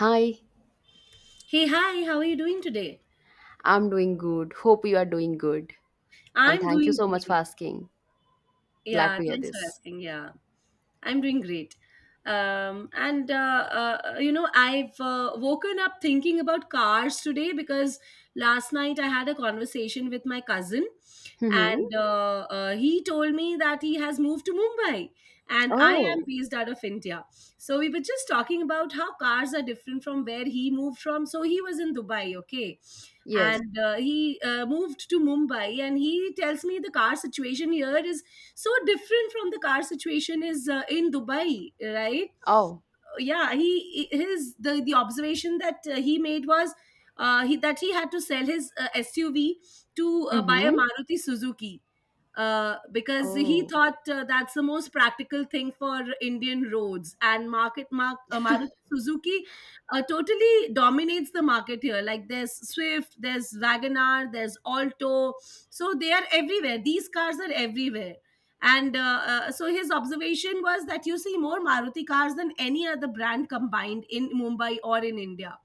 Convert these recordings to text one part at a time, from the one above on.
Hi, Hey, hi, how are you doing today? I'm doing good. Hope you are doing good. And I'm thank you doing so much for great. asking. Glad Yeah, to hear thanks for this. asking. Yeah, I'm doing great. Um, and, uh, I've woken up thinking about cars today because last night I had a conversation with my cousin, Mm-hmm. and he told me that he has moved to Mumbai, and I am Oh, based out of India. So we were just talking about how cars are different from where he moved from. So he was in Dubai, okay? yes. And he moved to Mumbai, and he tells me the car situation here is so different from the car situation is in Dubai, right? Oh. Yeah, he his the observation that he made was he that he had to sell his SUV to buy a Mm-hmm. Maruti Suzuki, because he Oh. thought that's the most practical thing for Indian roads and market mark Maruti Suzuki totally dominates the market here. Like, there's Swift, there's Wagoner, there's Alto, so they are everywhere. These cars are everywhere. And uh, uh, so his observation was that you see more Maruti cars than any other brand combined in Mumbai or in India,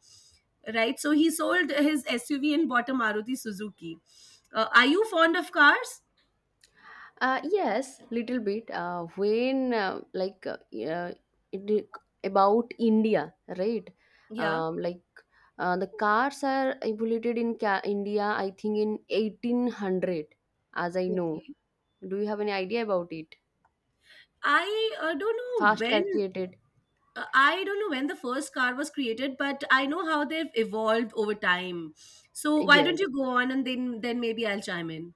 right? So he sold his SUV and bought a Maruti Suzuki. Are you fond of cars? Yes, little bit. When like Yeah, it, about India, right? Yeah. Um, like the cars are evolved in India. I think in 1800, as I know. Okay. Do you have any idea about it? I uh, don't know Fast car when created. I don't know when the first car was created, but I know how they've evolved over time. So why don't Yes. you go on, and then maybe I'll chime in.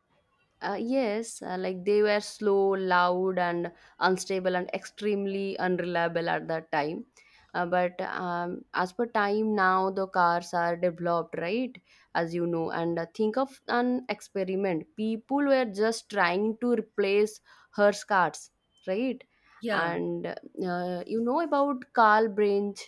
Yes, like they were slow, loud, and unstable, and extremely unreliable at that time. But As per time now, the cars are developed, right? As you know, and think of an experiment. People were just trying to replace hearse cars, right? Yeah. And you know about Carl Branch.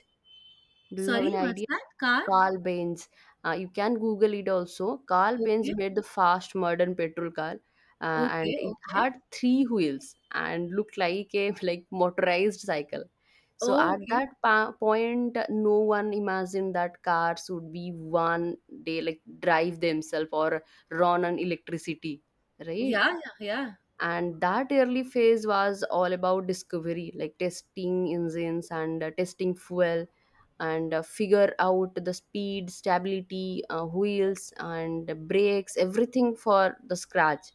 Do you have Sorry, any what's idea? that? Car? Carl Benz. You can Google it also. Carl Benz Okay. made the fast modern petrol car, and Okay. it Okay. had three wheels and looked like a like motorized cycle. So at Okay. that point, no one imagined that cars would be one day like drive themselves or run on electricity, right? Yeah, yeah, And that early phase was all about discovery, like testing engines and testing fuel, and figure out the speed, stability, wheels and brakes, everything for the scratch,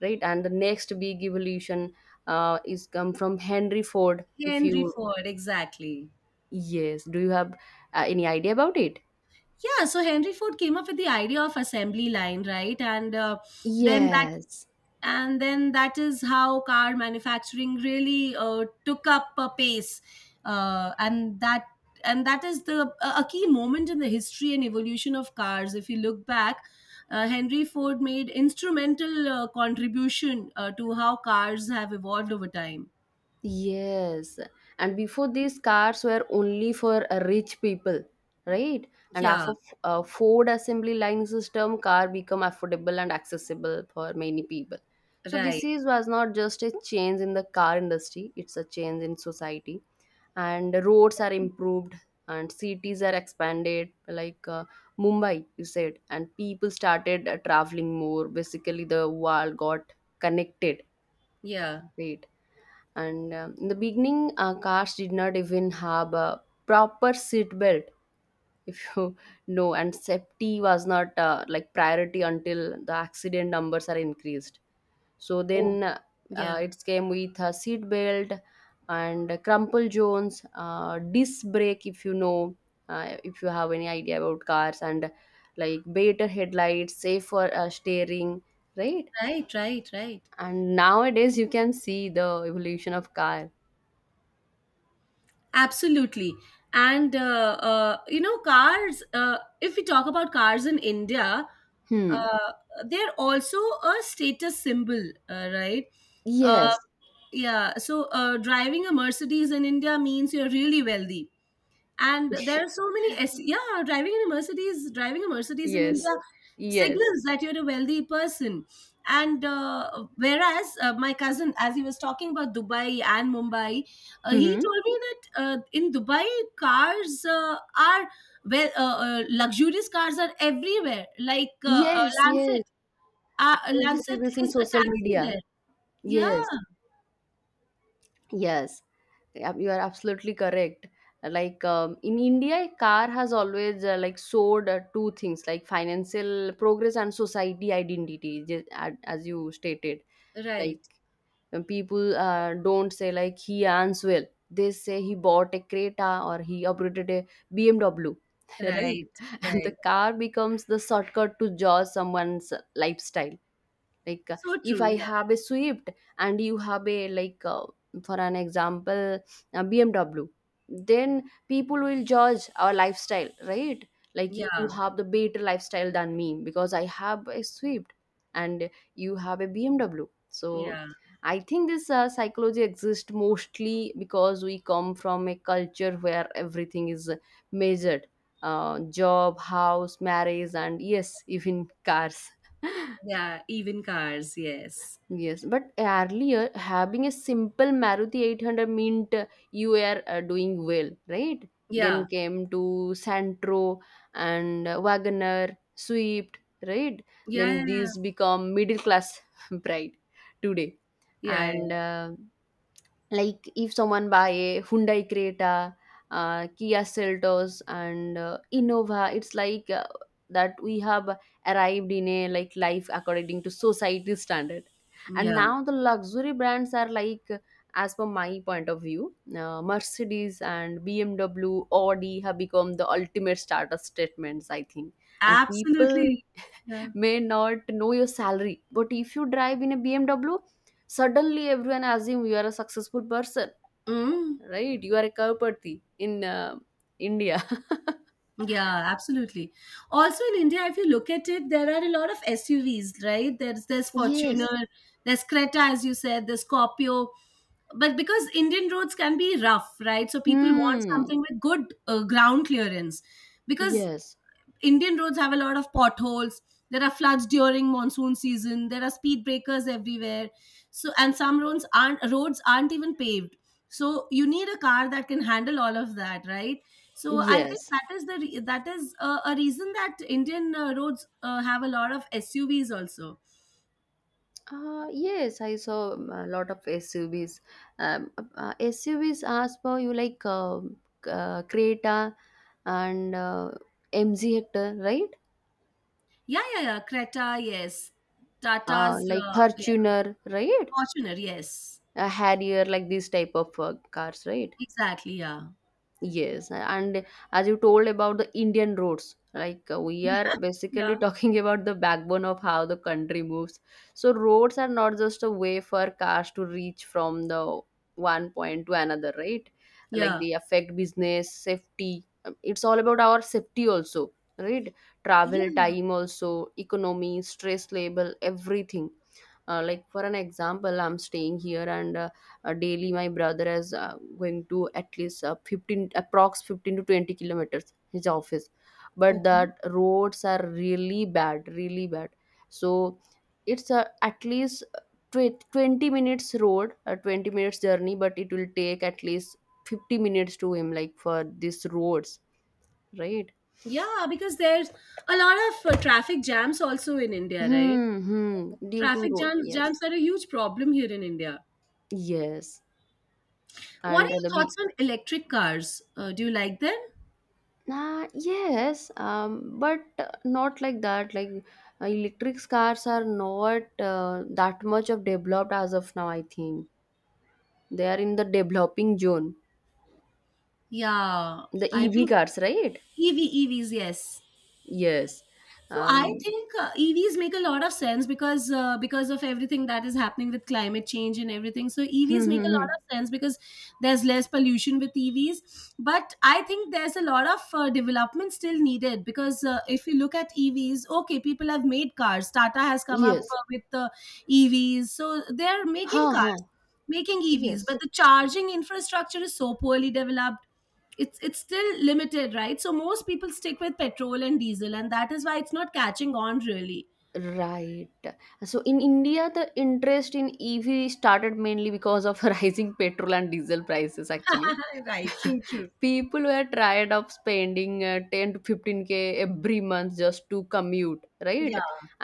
right? And the next big evolution is come from Henry Ford, yeah. if Henry you— Ford, exactly. yes, do you have any idea about it? Yeah, so Henry Ford came up with the idea of assembly line, right? Then that Yes. and then that is how car manufacturing really took up a pace, uh, and that and that is the a key moment in the history and evolution of cars. If you look back, Henry Ford made instrumental contribution to how cars have evolved over time. Yes, and before, these cars were only for rich people, right? And Yeah, after Ford assembly line system, car become affordable and accessible for many people. So right. this is was not just a change in the car industry; it's a change in society. And roads are improved, and cities are expanded, like Mumbai, you said, and people started traveling more. Basically, the world got connected, Yeah. right? And in the beginning, cars did not even have a proper seat belt, if you know, and safety was not like priority until the accident numbers are increased. So Oh, then, yeah. it came with a seat belt and crumple zones, disc brake, if you know, if you have any idea about cars, and like better headlights, safer steering, right? Right, right, right. And nowadays you can see the evolution of car. Absolutely. And, you know, cars, If we talk about cars in India, Hmm. uh, they're also a status symbol, right? Uh, Yes. yeah. So driving a Mercedes in India means you're really wealthy. And there are so many yeah, driving a Mercedes in Yes. India Yes. signals that you're a wealthy person. And whereas, my cousin, as he was talking about Dubai and Mumbai, he Mm-hmm. told me that in Dubai, cars are well luxurious cars are everywhere, like Yes, Lancet. yes. I uh, also see Lancet this in is a social taxi media. there. Yes, Yeah. yes. Yeah, you are absolutely correct. Like in India, car has always like sold two things, like financial progress and society identity, as you stated. Like Right, people don't say like he earns well, they say he bought a Creta or he uprooted a BMW. right, Right? And the right. car becomes the shortcut to judge someone's lifestyle, like So if true. I Yeah, have a Swift and you have a like, for an example, a BMW, then people will judge our lifestyle, right? Like you yeah, have the better lifestyle than me because I have a Swift and you have a BMW. So yeah. I think this psychology exists mostly because we come from a culture where everything is measured, job, house, marriage, and yes, even cars. Yeah, even cars, yes. Yes, but earlier having a simple Maruti 800 meant you are doing well, right? Then Yeah. came to Santro and Wagoner, Swift, right? Yeah, yeah, Then yeah. these become middle class pride today, Yeah, and yeah. Like if someone buy a Hyundai Creta, Kia Seltos, and Innova, it's like that we have arrived in a like life according to society standard. And Yeah, now the luxury brands are like, as per my point of view, Mercedes and BMW, Audi, have become the ultimate status statements, I think. And people absolutely. Yeah. may not know your salary, but if you drive in a BMW, suddenly everyone assume you are a successful person. Mm. Right, you are a cowpathy in India. Yeah, absolutely. Also in India, if you look at it, there are a lot of SUVs, right? there's Yes. Fortuner, there's Creta, as you said, there's Scorpio. But because Indian roads can be rough, right? So people want Hmm. something with good ground clearance. Because Yes. Indian roads have a lot of potholes. There are floods during monsoon season. There are speed breakers everywhere. So, and some roads aren't even paved. So you need a car that can handle all of that, right? So I think Yes. That is a reason that Indian roads have a lot of SUVs also. Yes, I saw a lot of SUVs. SUVs ask for you like Creta and MG Hector, right? Yeah, yeah, yeah. Creta, yes. Tata's, Like yeah. Fortuner, right? Fortuner, yes. A Harrier, like these type of cars, right? Exactly, yeah. Yes, and as you told about the Indian roads, like we are Yeah. basically talking about the backbone of how the country moves. So roads are not just a way for cars to reach from the one point to another, right? Like Yeah. they affect business, safety. It's all about our safety also, right? Travel Yeah. time also, economy, stress level, everything, like for an example, I'm staying here, and daily my brother is going to at least 15, approx 15 to 20 kilometers, his office, but Okay. that roads are really bad, really bad. So it's at least 20 minutes road, a 20 minutes journey, but it will take at least 50 minutes to him, like for these roads, right? Yeah, because there's a lot of traffic jams also in India, right? Hmm, hmm. Due to Traffic road, jams jams yes. are a huge problem here in India. Yes, What are and your the— thoughts on electric cars? Do you like them? Yes, but not like that. Like electric cars are not that much of developed as of now. I think they are in the developing zone. Yeah, The I EV think cars, right? EV EVs, yes. Yes. So I Um. think EVs make a lot of sense because, because of everything that is happening with climate change and everything. So EVs Hmm, make hmm, a hmm. lot of sense because there's less pollution with EVs. But I think there's a lot of development still needed, because if you look at EVs, okay, people have made cars. Tata has come up Yes. With the EVs, so they're Ha making ha. cars, making EVs. But Yes. the charging infrastructure is so poorly developed, it's still limited, right? So most people stick with petrol and diesel, and that is why it's not catching on really. Right. So in India, the interest in EV started mainly because of rising petrol and diesel prices. Actually, Right, true, true. people were tired of spending 10 to 15k every month just to commute, right? Yeah,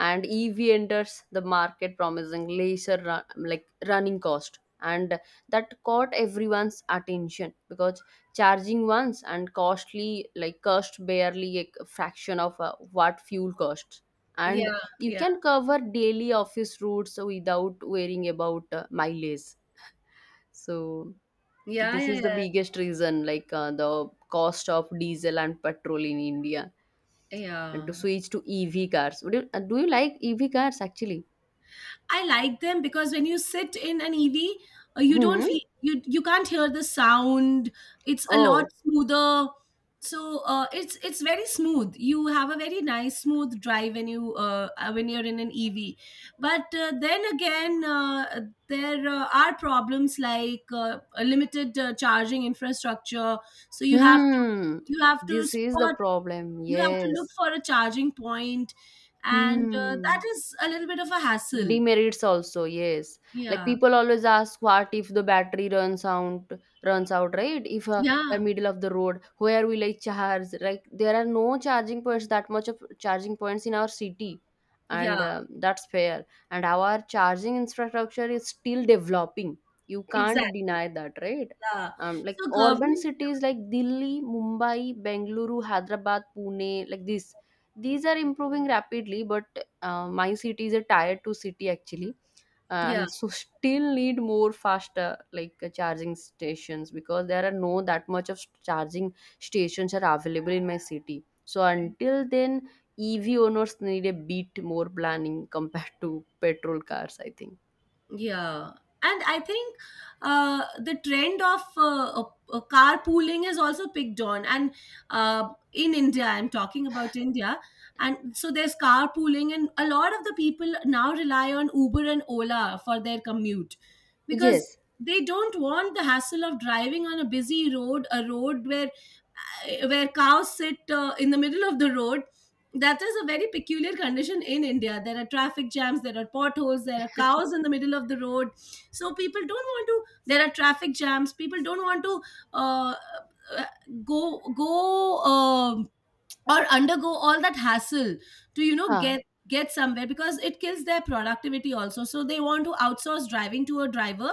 And EV enters the market promising lesser run, like running cost. And that caught everyone's attention because charging once and costly like cost barely a fraction of what fuel costs. And yeah, you yeah, can cover daily office routes without worrying about mileage. So this is the biggest reason, like the cost of diesel and petrol in India, yeah. and to switch to EV cars. Would you— do you like EV cars, actually? I like them, because when you sit in an EV, you don't Hmm. feel, you can't hear the sound. It's a lot Oh. smoother. So it's very smooth. You have a very nice smooth drive when you when you're in an EV. But then again, there are problems, like a limited charging infrastructure. So Hmm. you have to This is the spot problem, you have to look yes. for a charging point, and that Hmm. is a little bit of a hassle. Demerits also, yes. Like Yeah. people always ask, what if the battery runs out, right? If the Yeah, middle of the road, where will I charge? Like there are no charging points, that much of charging points in our city, and yeah, that's fair. And our charging infrastructure is still developing. You can't exactly. deny that, right? Yeah. Like So urban government, cities like Delhi, Mumbai, Bengaluru, Hyderabad, Pune, like this, these are improving rapidly, but my city is a tier 2 city, actually. Yeah, And so still need more faster, like charging stations, because there are no that much of charging stations are available in my city. So until then, EV owners need a bit more planning compared to petrol cars, I think. yeah. And I think the trend of carpooling is also picked on. And in India, I'm talking about India. And so there's carpooling, and a lot of the people now rely on Uber and Ola for their commute, because Yes. they don't want the hassle of driving on a busy road, a road where cows sit in the middle of the road. That is a very peculiar condition in India. There are traffic jams, there are potholes, there are cows in the middle of the road. So people don't want to, there are traffic jams, people don't want to, uh, uh, go go uh, or undergo all that hassle to, you know, Huh. Get somewhere, because it kills their productivity also. So they want to outsource driving to a driver,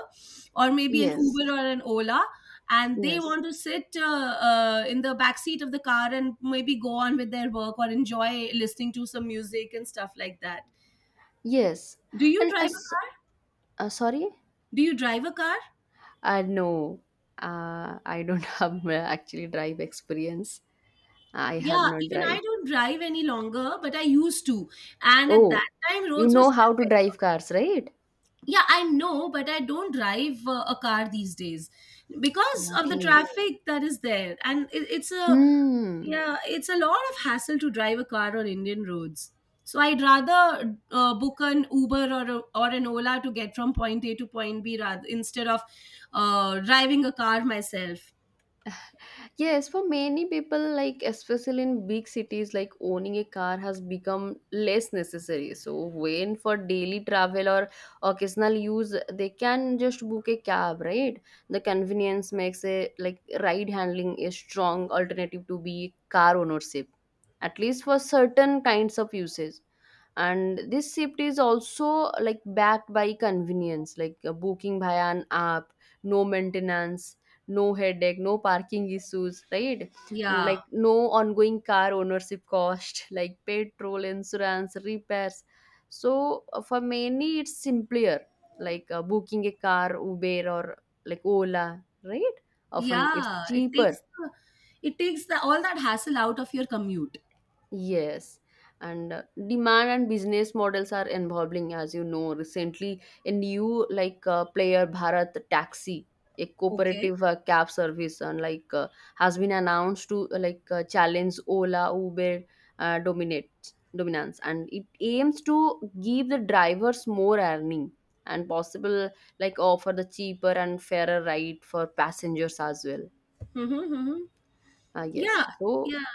or maybe an Yes. Uber or an Ola, and they Yes. want to sit in the back seat of the car and maybe go on with their work or enjoy listening to some music and stuff like that. Yes, do you and drive a as— car sorry. do you drive a car? No, I don't have actually drive experience. I have Yeah, not even I drive. don't drive any longer, but I used to, and at Oh, that time you roads were know still— how to drive cars, right? Yeah, I know, but I don't drive a car these days because of the, okay, Okay. traffic that is there, and it's a— Hmm. yeah, it's a lot of hassle to drive a car on Indian roads. So I'd rather book an Uber, or an Ola to get from point A to point B, rather instead of driving a car myself. Yes, for many people, like especially in big cities, like owning a car has become less necessary. So, when for daily travel or occasional use, they can just book a cab, right? The convenience makes a like ride handling a strong alternative to be car ownership, at least for certain kinds of usage. And this shift is also like backed by convenience, like booking via an app, no maintenance, no headache, no parking issues, right? Yeah, Like no ongoing car ownership cost, like petrol, insurance, repairs. So for many, it's simpler, like booking a car, Uber or like Ola, right? Often it's yeah, cheaper. It takes the all that hassle out of your commute. Yes, and demand and business models are evolving, as you know. Recently, a new like player Bharat Taxi, a Okay. cooperative cab service, and like has been announced to like challenge Ola, Uber, dominates dominance, and it aims to give the drivers more earning and possible like offer the cheaper and fairer ride for passengers as well. Mm-hmm, mm-hmm. Yes, Yeah, so yeah.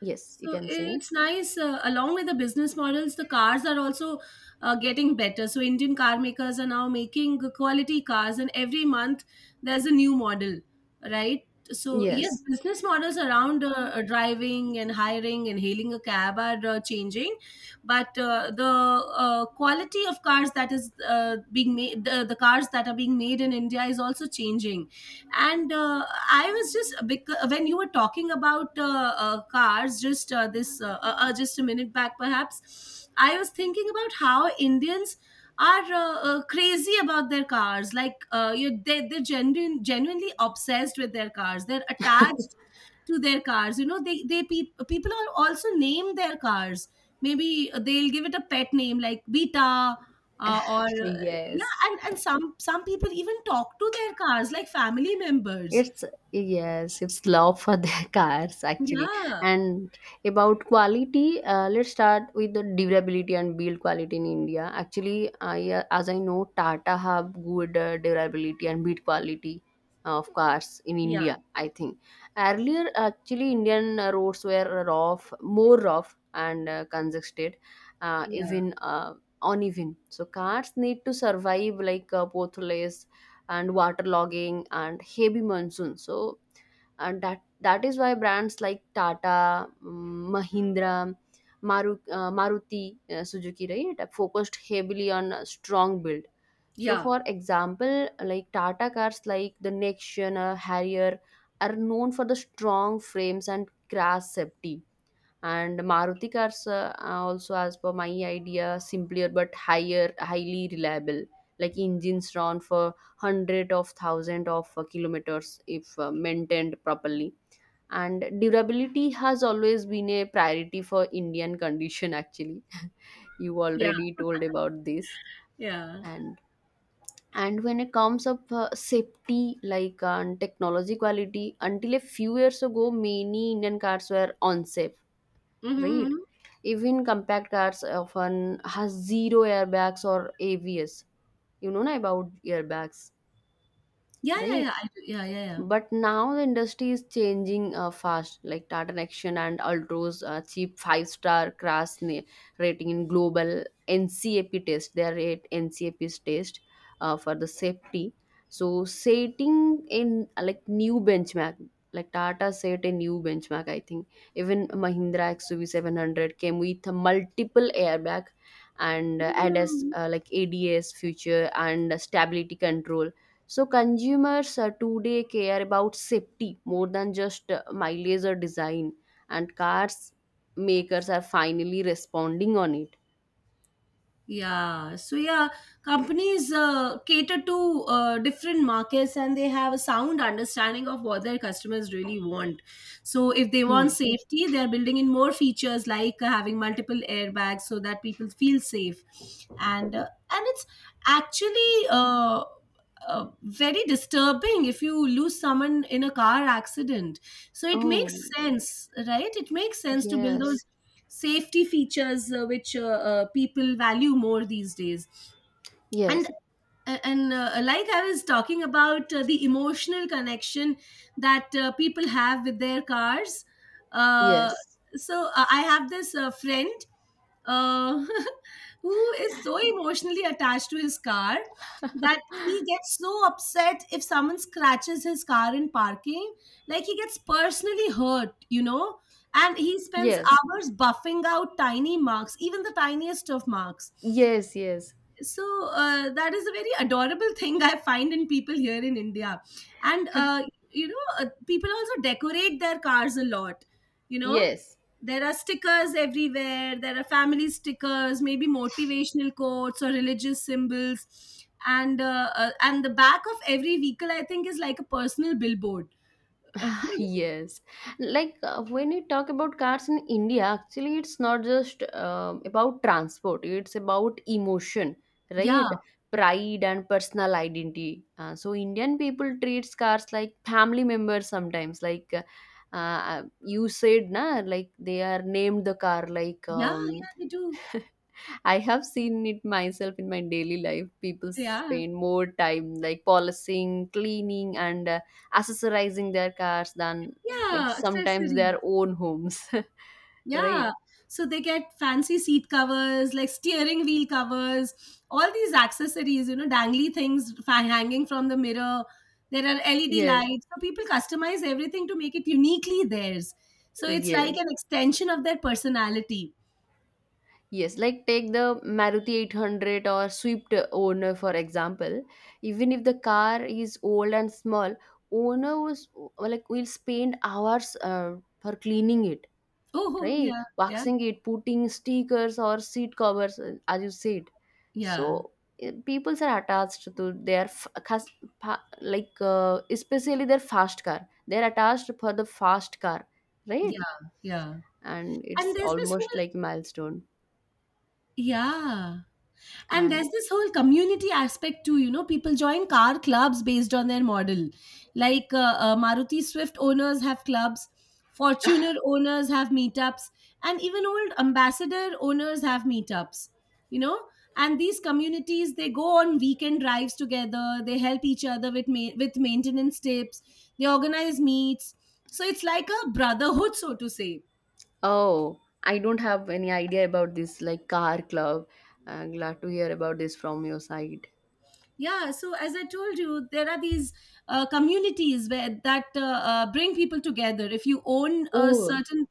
yes, you So can say, it's nice. Along with the business models, the cars are also getting better. So Indian car makers are now making quality cars, and every month there's a new model, right? So yes, yes, business models around, driving and hiring and hailing a cab are changing, but the quality of cars that is being made, the cars that are being made in India, is also changing. And I was just because when you were talking about cars just a minute back perhaps, I was thinking about how Indians are crazy about their cars, like, you they, genuinely obsessed with their cars. They're attached to their cars, you know. They they peop people are also name their cars. Maybe they'll give it a pet name like Beta, or yeah. yes. And some people even talk to their cars like family members. It's— yes, it's love for their cars, actually. Yeah, And about quality, let's start with the durability and build quality in India. Actually, I as I know, Tata have good durability and build quality of cars in India. yeah, I think earlier, actually, Indian roads were rough, more rough and congested, yeah, even uneven. So cars need to survive like potholes and waterlogging and heavy monsoon. So and that is why brands like Tata, Mahindra, Maruti Suzuki, right, focused heavily on a strong build. So, yeah, for example, like Tata cars like the Nexion, Harrier are known for the strong frames and crash safety, and Maruti cars are also, as per my idea, simpler but higher highly reliable. Like engines run for hundred of thousand of kilometers if maintained properly, and durability has always been a priority for Indian condition actually. You yeah, already told about this. yeah. And and when it comes up safety, like and technology quality, until a few years ago many Indian cars were unsafe, Mm-hmm. right? Mm-hmm. Even compact cars often has zero airbags or AVS. You know na about airbags, Yeah, yeah, right? yeah. I do. Yeah, yeah, yeah. But now the industry is changing fast. Like Tata Action and Ultros cheap five-star crash rating in global NCAP test, they are at NCAP's test for the safety. So setting in like new benchmark, like Tata set a new benchmark, I think. Even Mahindra xUV 700 came with multiple airbag and ads, Mhm. Like ads feature and stability control. So consumers today care about safety more than just mileage or design, and cars makers are finally responding on it. Yeah. So yeah, companies cater to different markets, and they have a sound understanding of what their customers really want. So if they Hmm. want safety, they're building in more features, like having multiple airbags, so that people feel safe. And it's actually, very disturbing if you lose someone in a car accident. So it Oh, makes sense, right? It makes sense to build those yes, safety features, which people value more these days. and yes, a- and uh, like I was talking about the emotional connection that people have with their cars, uh, yes, so I have this friend, uh, who is so emotionally attached to his car that he gets so upset if someone scratches his car in parking. Like he gets personally hurt, and he spends yes, hours buffing out tiny marks, even the tiniest of marks. yes, yes, So that is a very adorable thing I find in people here in India. And People also decorate their cars a lot, you know yes, there are stickers everywhere. There are family stickers, maybe motivational quotes or religious symbols, and the back of every vehicle I think is like a personal billboard. yes. Like when we talk about cars in India, actually it's not just about transport, it's about emotion, yeah right? Pride and personal identity. So Indian people treats cars like family members sometimes, like you said na, like they are named the car like yeah yeah they do. I have seen it myself in my daily life. People Yeah, spend more time like polishing, cleaning, and accessorizing their cars than like yeah, sometimes accessories. their own homes. Right? Yeah. So they get fancy seat covers, like steering wheel covers, all these accessories, you know, dangly things hanging from the mirror. There are LED Yes, lights. So people customize everything to make it uniquely theirs. So it's like an yes, extension of their personality. yes. Like take the Maruti 800 or Swift owner, for example. Even if the car is old and small, owner was like will spend hours for cleaning it, Oh, oh, right? yeah, yeah, Waxing it, putting stickers or seat covers, as you said. yeah, So peoples are attached to their like especially their fast car. They're attached for the fast car, right? yeah, yeah. And And it's there's this almost whole, like milestone. yeah. And And there's this whole community aspect too, you know. People join car clubs based on their model. Like Maruti Swift owners have clubs, Fortuner owners have meetups, and even old Ambassador owners have meetups, you know. And these communities, they go on weekend drives together, they help each other with with maintenance tips, they organize meets. So it's like a brotherhood, so to say. oh, I don't have any idea about this, like car club. I'm glad to hear about this from your side. Yeah, so as I told you, there are these communities where that bring people together if you own a Oh, certain,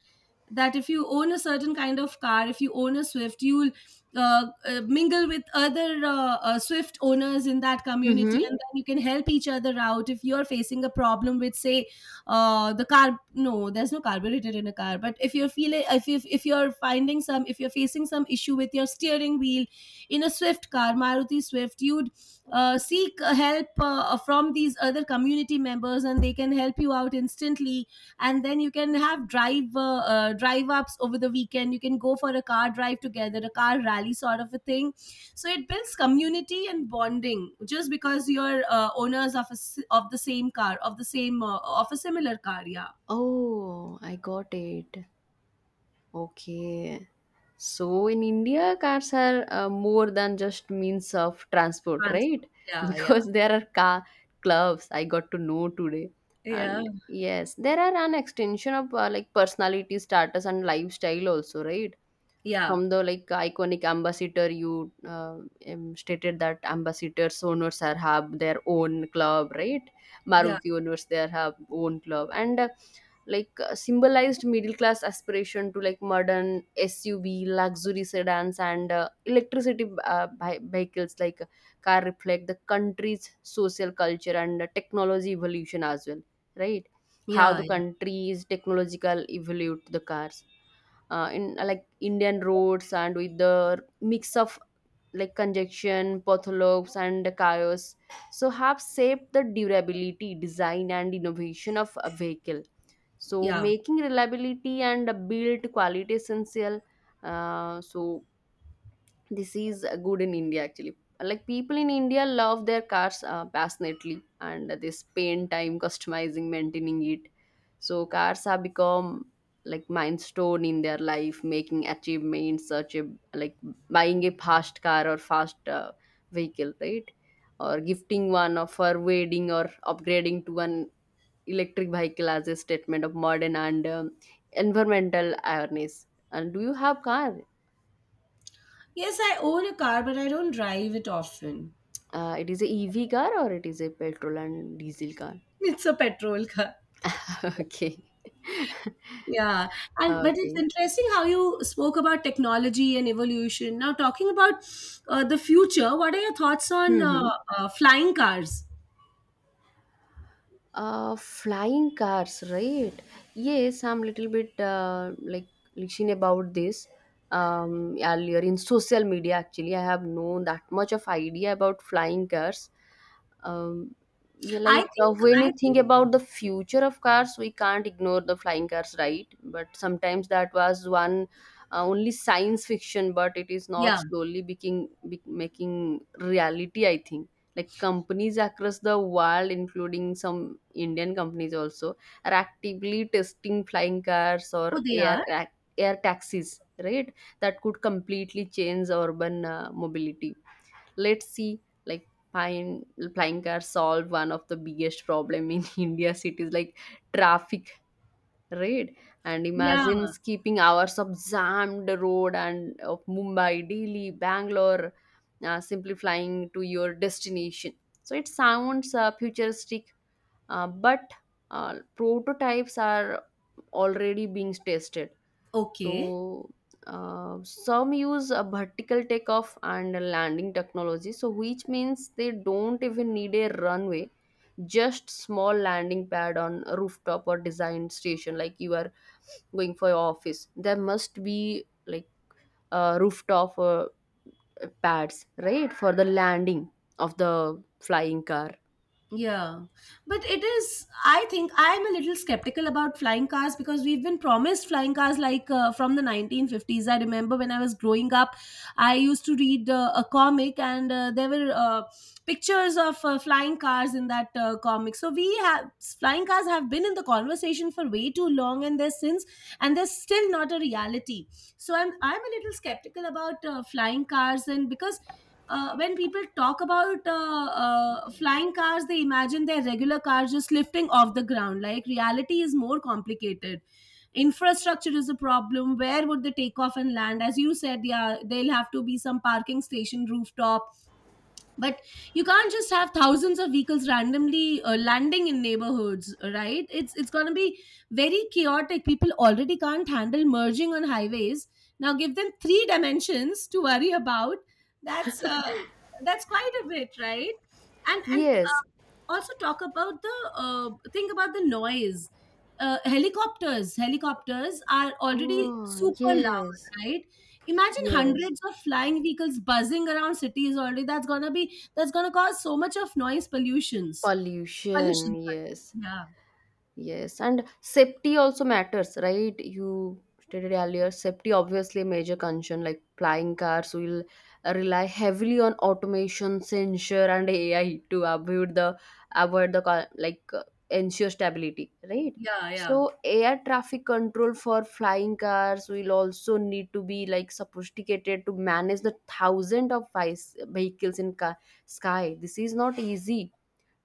that if you own a certain kind of car. If you own a Swift, you'll mingle with other Swift owners in that community, mm-hmm. and then you can help each other out if you're facing a problem with, say, the car. No, there's no carburetor in a car, but if you're feeling, if you're finding some if you're facing some issue with your steering wheel in a Swift car, Maruti Swift, you seek help from these other community members, and they can help you out instantly. And then you can have drive ups over the weekend. You can go for a car drive together, a car rally sort of a thing. So it builds community and bonding just because you're owners of of the same car, of the same of a similar car. Yeah, Oh, I got it. Okay. So in India, cars are more than just means of transport, transport, right? yeah, yeah, Because there are car clubs, I got to know today. yeah, And yes, there are an extension of like personality, status, and lifestyle also, right? yeah, From the like iconic ambassador, you stated that ambassadors owners are have their own club, right? yeah, Maruti owners, they have own club, and like symbolized middle class aspiration to like modern SUV, luxury sedans, and electricity, vehicles. Like car reflect the country's social culture and technology evolution as well, right? How yeah, the country is technological evolved the cars in like Indian roads, and with the mix of like conjunction, potholopes, and chaos, so have shaped the durability, design, and innovation of a vehicle. So yeah. making reliability and build quality essential. So this is good in India actually. Like people in India love their cars passionately, and they spend time customizing, maintaining it. So cars have become like milestone in their life, making achievements such a like buying a fast car or fast vehicle, right? Or gifting one or for wedding, or upgrading to an electric vehicle as a statement of modern and environmental awareness. And do you have car? Yes, I own a car, but I don't drive it often. It is a EV car or it is a petrol and diesel car? It's a petrol car. Okay. Yeah, and but it's Okay. interesting how you spoke about technology and evolution. Now, talking about the future, what are your thoughts on Mm-hmm. Flying cars? Flying cars, right? Yes, I'm little bit like listening about this earlier in social media. Actually, I have no that much of idea about flying cars. Um, yeah, I like think, when you I think think, about the future of cars, we can't ignore the flying cars, right? But sometimes that was one only science fiction, but it is not yeah. slowly making making reality. I think like companies across the world, including some Indian companies also, are actively testing flying cars Oh, or they are. Air taxis, right? That could completely change urban mobility. Let's see, like flying cars solve one of the biggest problem in India cities, like traffic, right? And Yeah. imagine skipping hours of jammed road and of Mumbai, Delhi, Bangalore, simply flying to your destination. So it sounds futuristic, but prototypes are already being tested. Okay. So some use a vertical takeoff and a landing technology, so which means they don't even need a runway, just small landing pad on a rooftop or design station, like you are going for your office. There must be like a rooftop pads, right, for the landing of the flying car. Yeah, but it is. I think I'm a little skeptical about flying cars because we've been promised flying cars like from the 1950s. I remember when I was growing up, I used to read a comic, and there were pictures of flying cars in that comic. So we have flying cars have been in the conversation for way too long, and there's still not a reality. So I'm a little skeptical about flying cars, and because when people talk about flying cars, they imagine their regular cars just lifting off the ground. Like, reality is more complicated. Infrastructure is a problem. Where would they take off and land? As you said, yeah, they'll have to be some parking station rooftop, but you can't just have thousands of vehicles randomly landing in neighborhoods, right? It's going to be very chaotic. People already can't handle merging on highways. Now give them three dimensions to worry about. that's uh, that's quite a bit, right? And Yes. also talk about the, think about the noise. Helicopters are already Oh, super loud, yes. right? Imagine Yes. hundreds of flying vehicles buzzing around cities already. That's going to be, that's going to cause so much of noise pollutions, Pollution. pollution, sorry. Yes. Yeah, Yes, and safety also matters, right? You stated earlier, safety obviously a major concern. Like flying cars will rely heavily on automation, sensor, and AI to avoid like ensure stability, right? yeah, yeah, So air traffic control for flying cars will also need to be like sophisticated to manage the thousand of vehicles in sky. This is not easy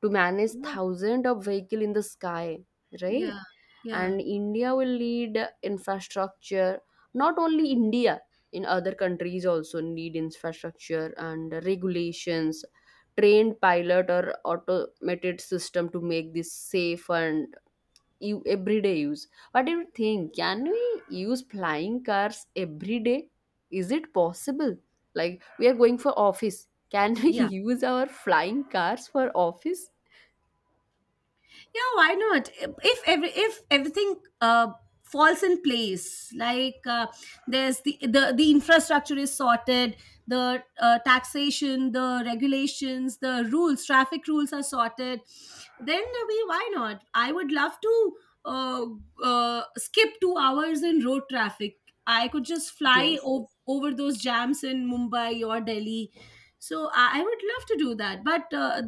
to manage yeah, thousands of vehicles in the sky, right? yeah, yeah, And India will need infrastructure. Not only India, in other countries also need infrastructure and regulations, trained pilot or automated system to make this safe and you everyday use. What do you think? Can we use flying cars every day? Is it possible? Like we are going for office. Can we yeah. use our flying cars for office? Yeah, why not? If everything uh, falls in place, like, there's the infrastructure is sorted, the taxation, the regulations, the rules, traffic rules are sorted, then we why not? I would love to uh, skip 2 hours in road traffic. I could just fly Yes. Over those jams in Mumbai or Delhi. So I would love to do that, but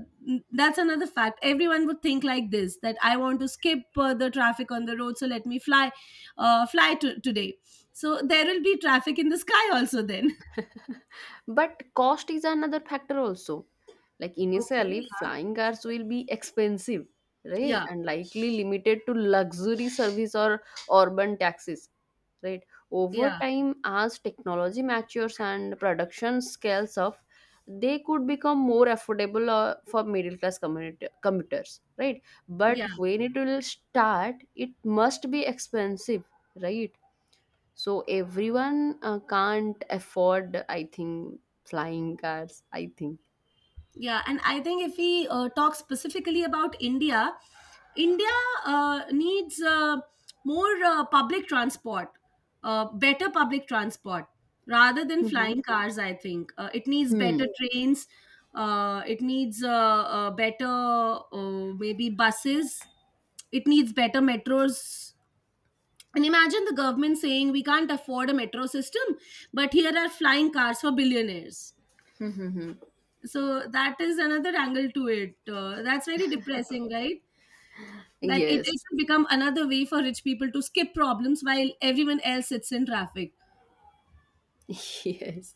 that's another fact. Everyone would think like this, that I want to skip the traffic on the road, so let me fly, today. So there will be traffic in the sky also then. But cost is another factor also. Like Okay. initially, flying cars will be expensive, right? Yeah. And likely limited to luxury service or urban taxis, right? Over Yeah. time, as technology matures and production scales up, they could become more affordable for middle class community commuters, right? But Yeah. when it will start, it must be expensive, right? So everyone can't afford, I think, flying cars, I think. Yeah, and I think if we talk specifically about India, India needs more public transport, better public transport rather than Mhm. flying cars. I think it needs better Hmm. trains. It needs better, maybe buses. It needs better metros. And imagine the government saying we can't afford a metro system, but here are flying cars for billionaires. Hmm. So that is another angle to it. That's very depressing, right? That it Yes. will become another way for rich people to skip problems while everyone else sits in traffic. Yes,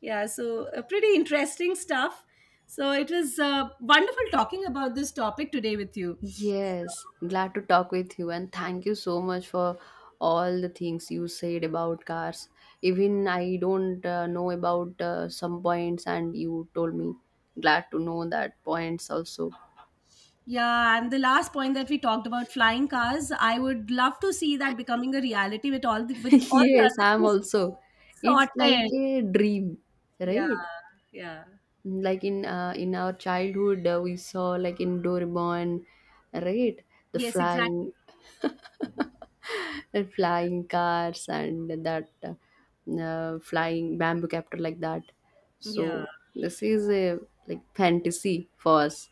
Yeah, so pretty interesting stuff. So it was wonderful talking about this topic today with you. yes, glad to talk with you, and thank you so much for all the things you said about cars. Even I don't know about some points and you told me, glad to know that points also. Yeah, and the last point that we talked about flying cars, I would love to see that becoming a reality with all the Yes, other I'm things also. It's like sorted. a dream, Yeah, right? yeah. Like in our childhood we saw like in Doraemon, right? The Yes, flying exactly. the flying cars and that flying bamboo captor like that. Yeah, So this is a like fantasy for us.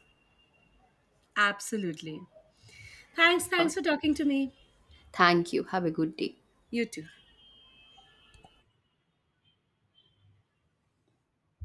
absolutely. Thanks. uh, Thanks for talking to me. Thank you, have a good day. You too.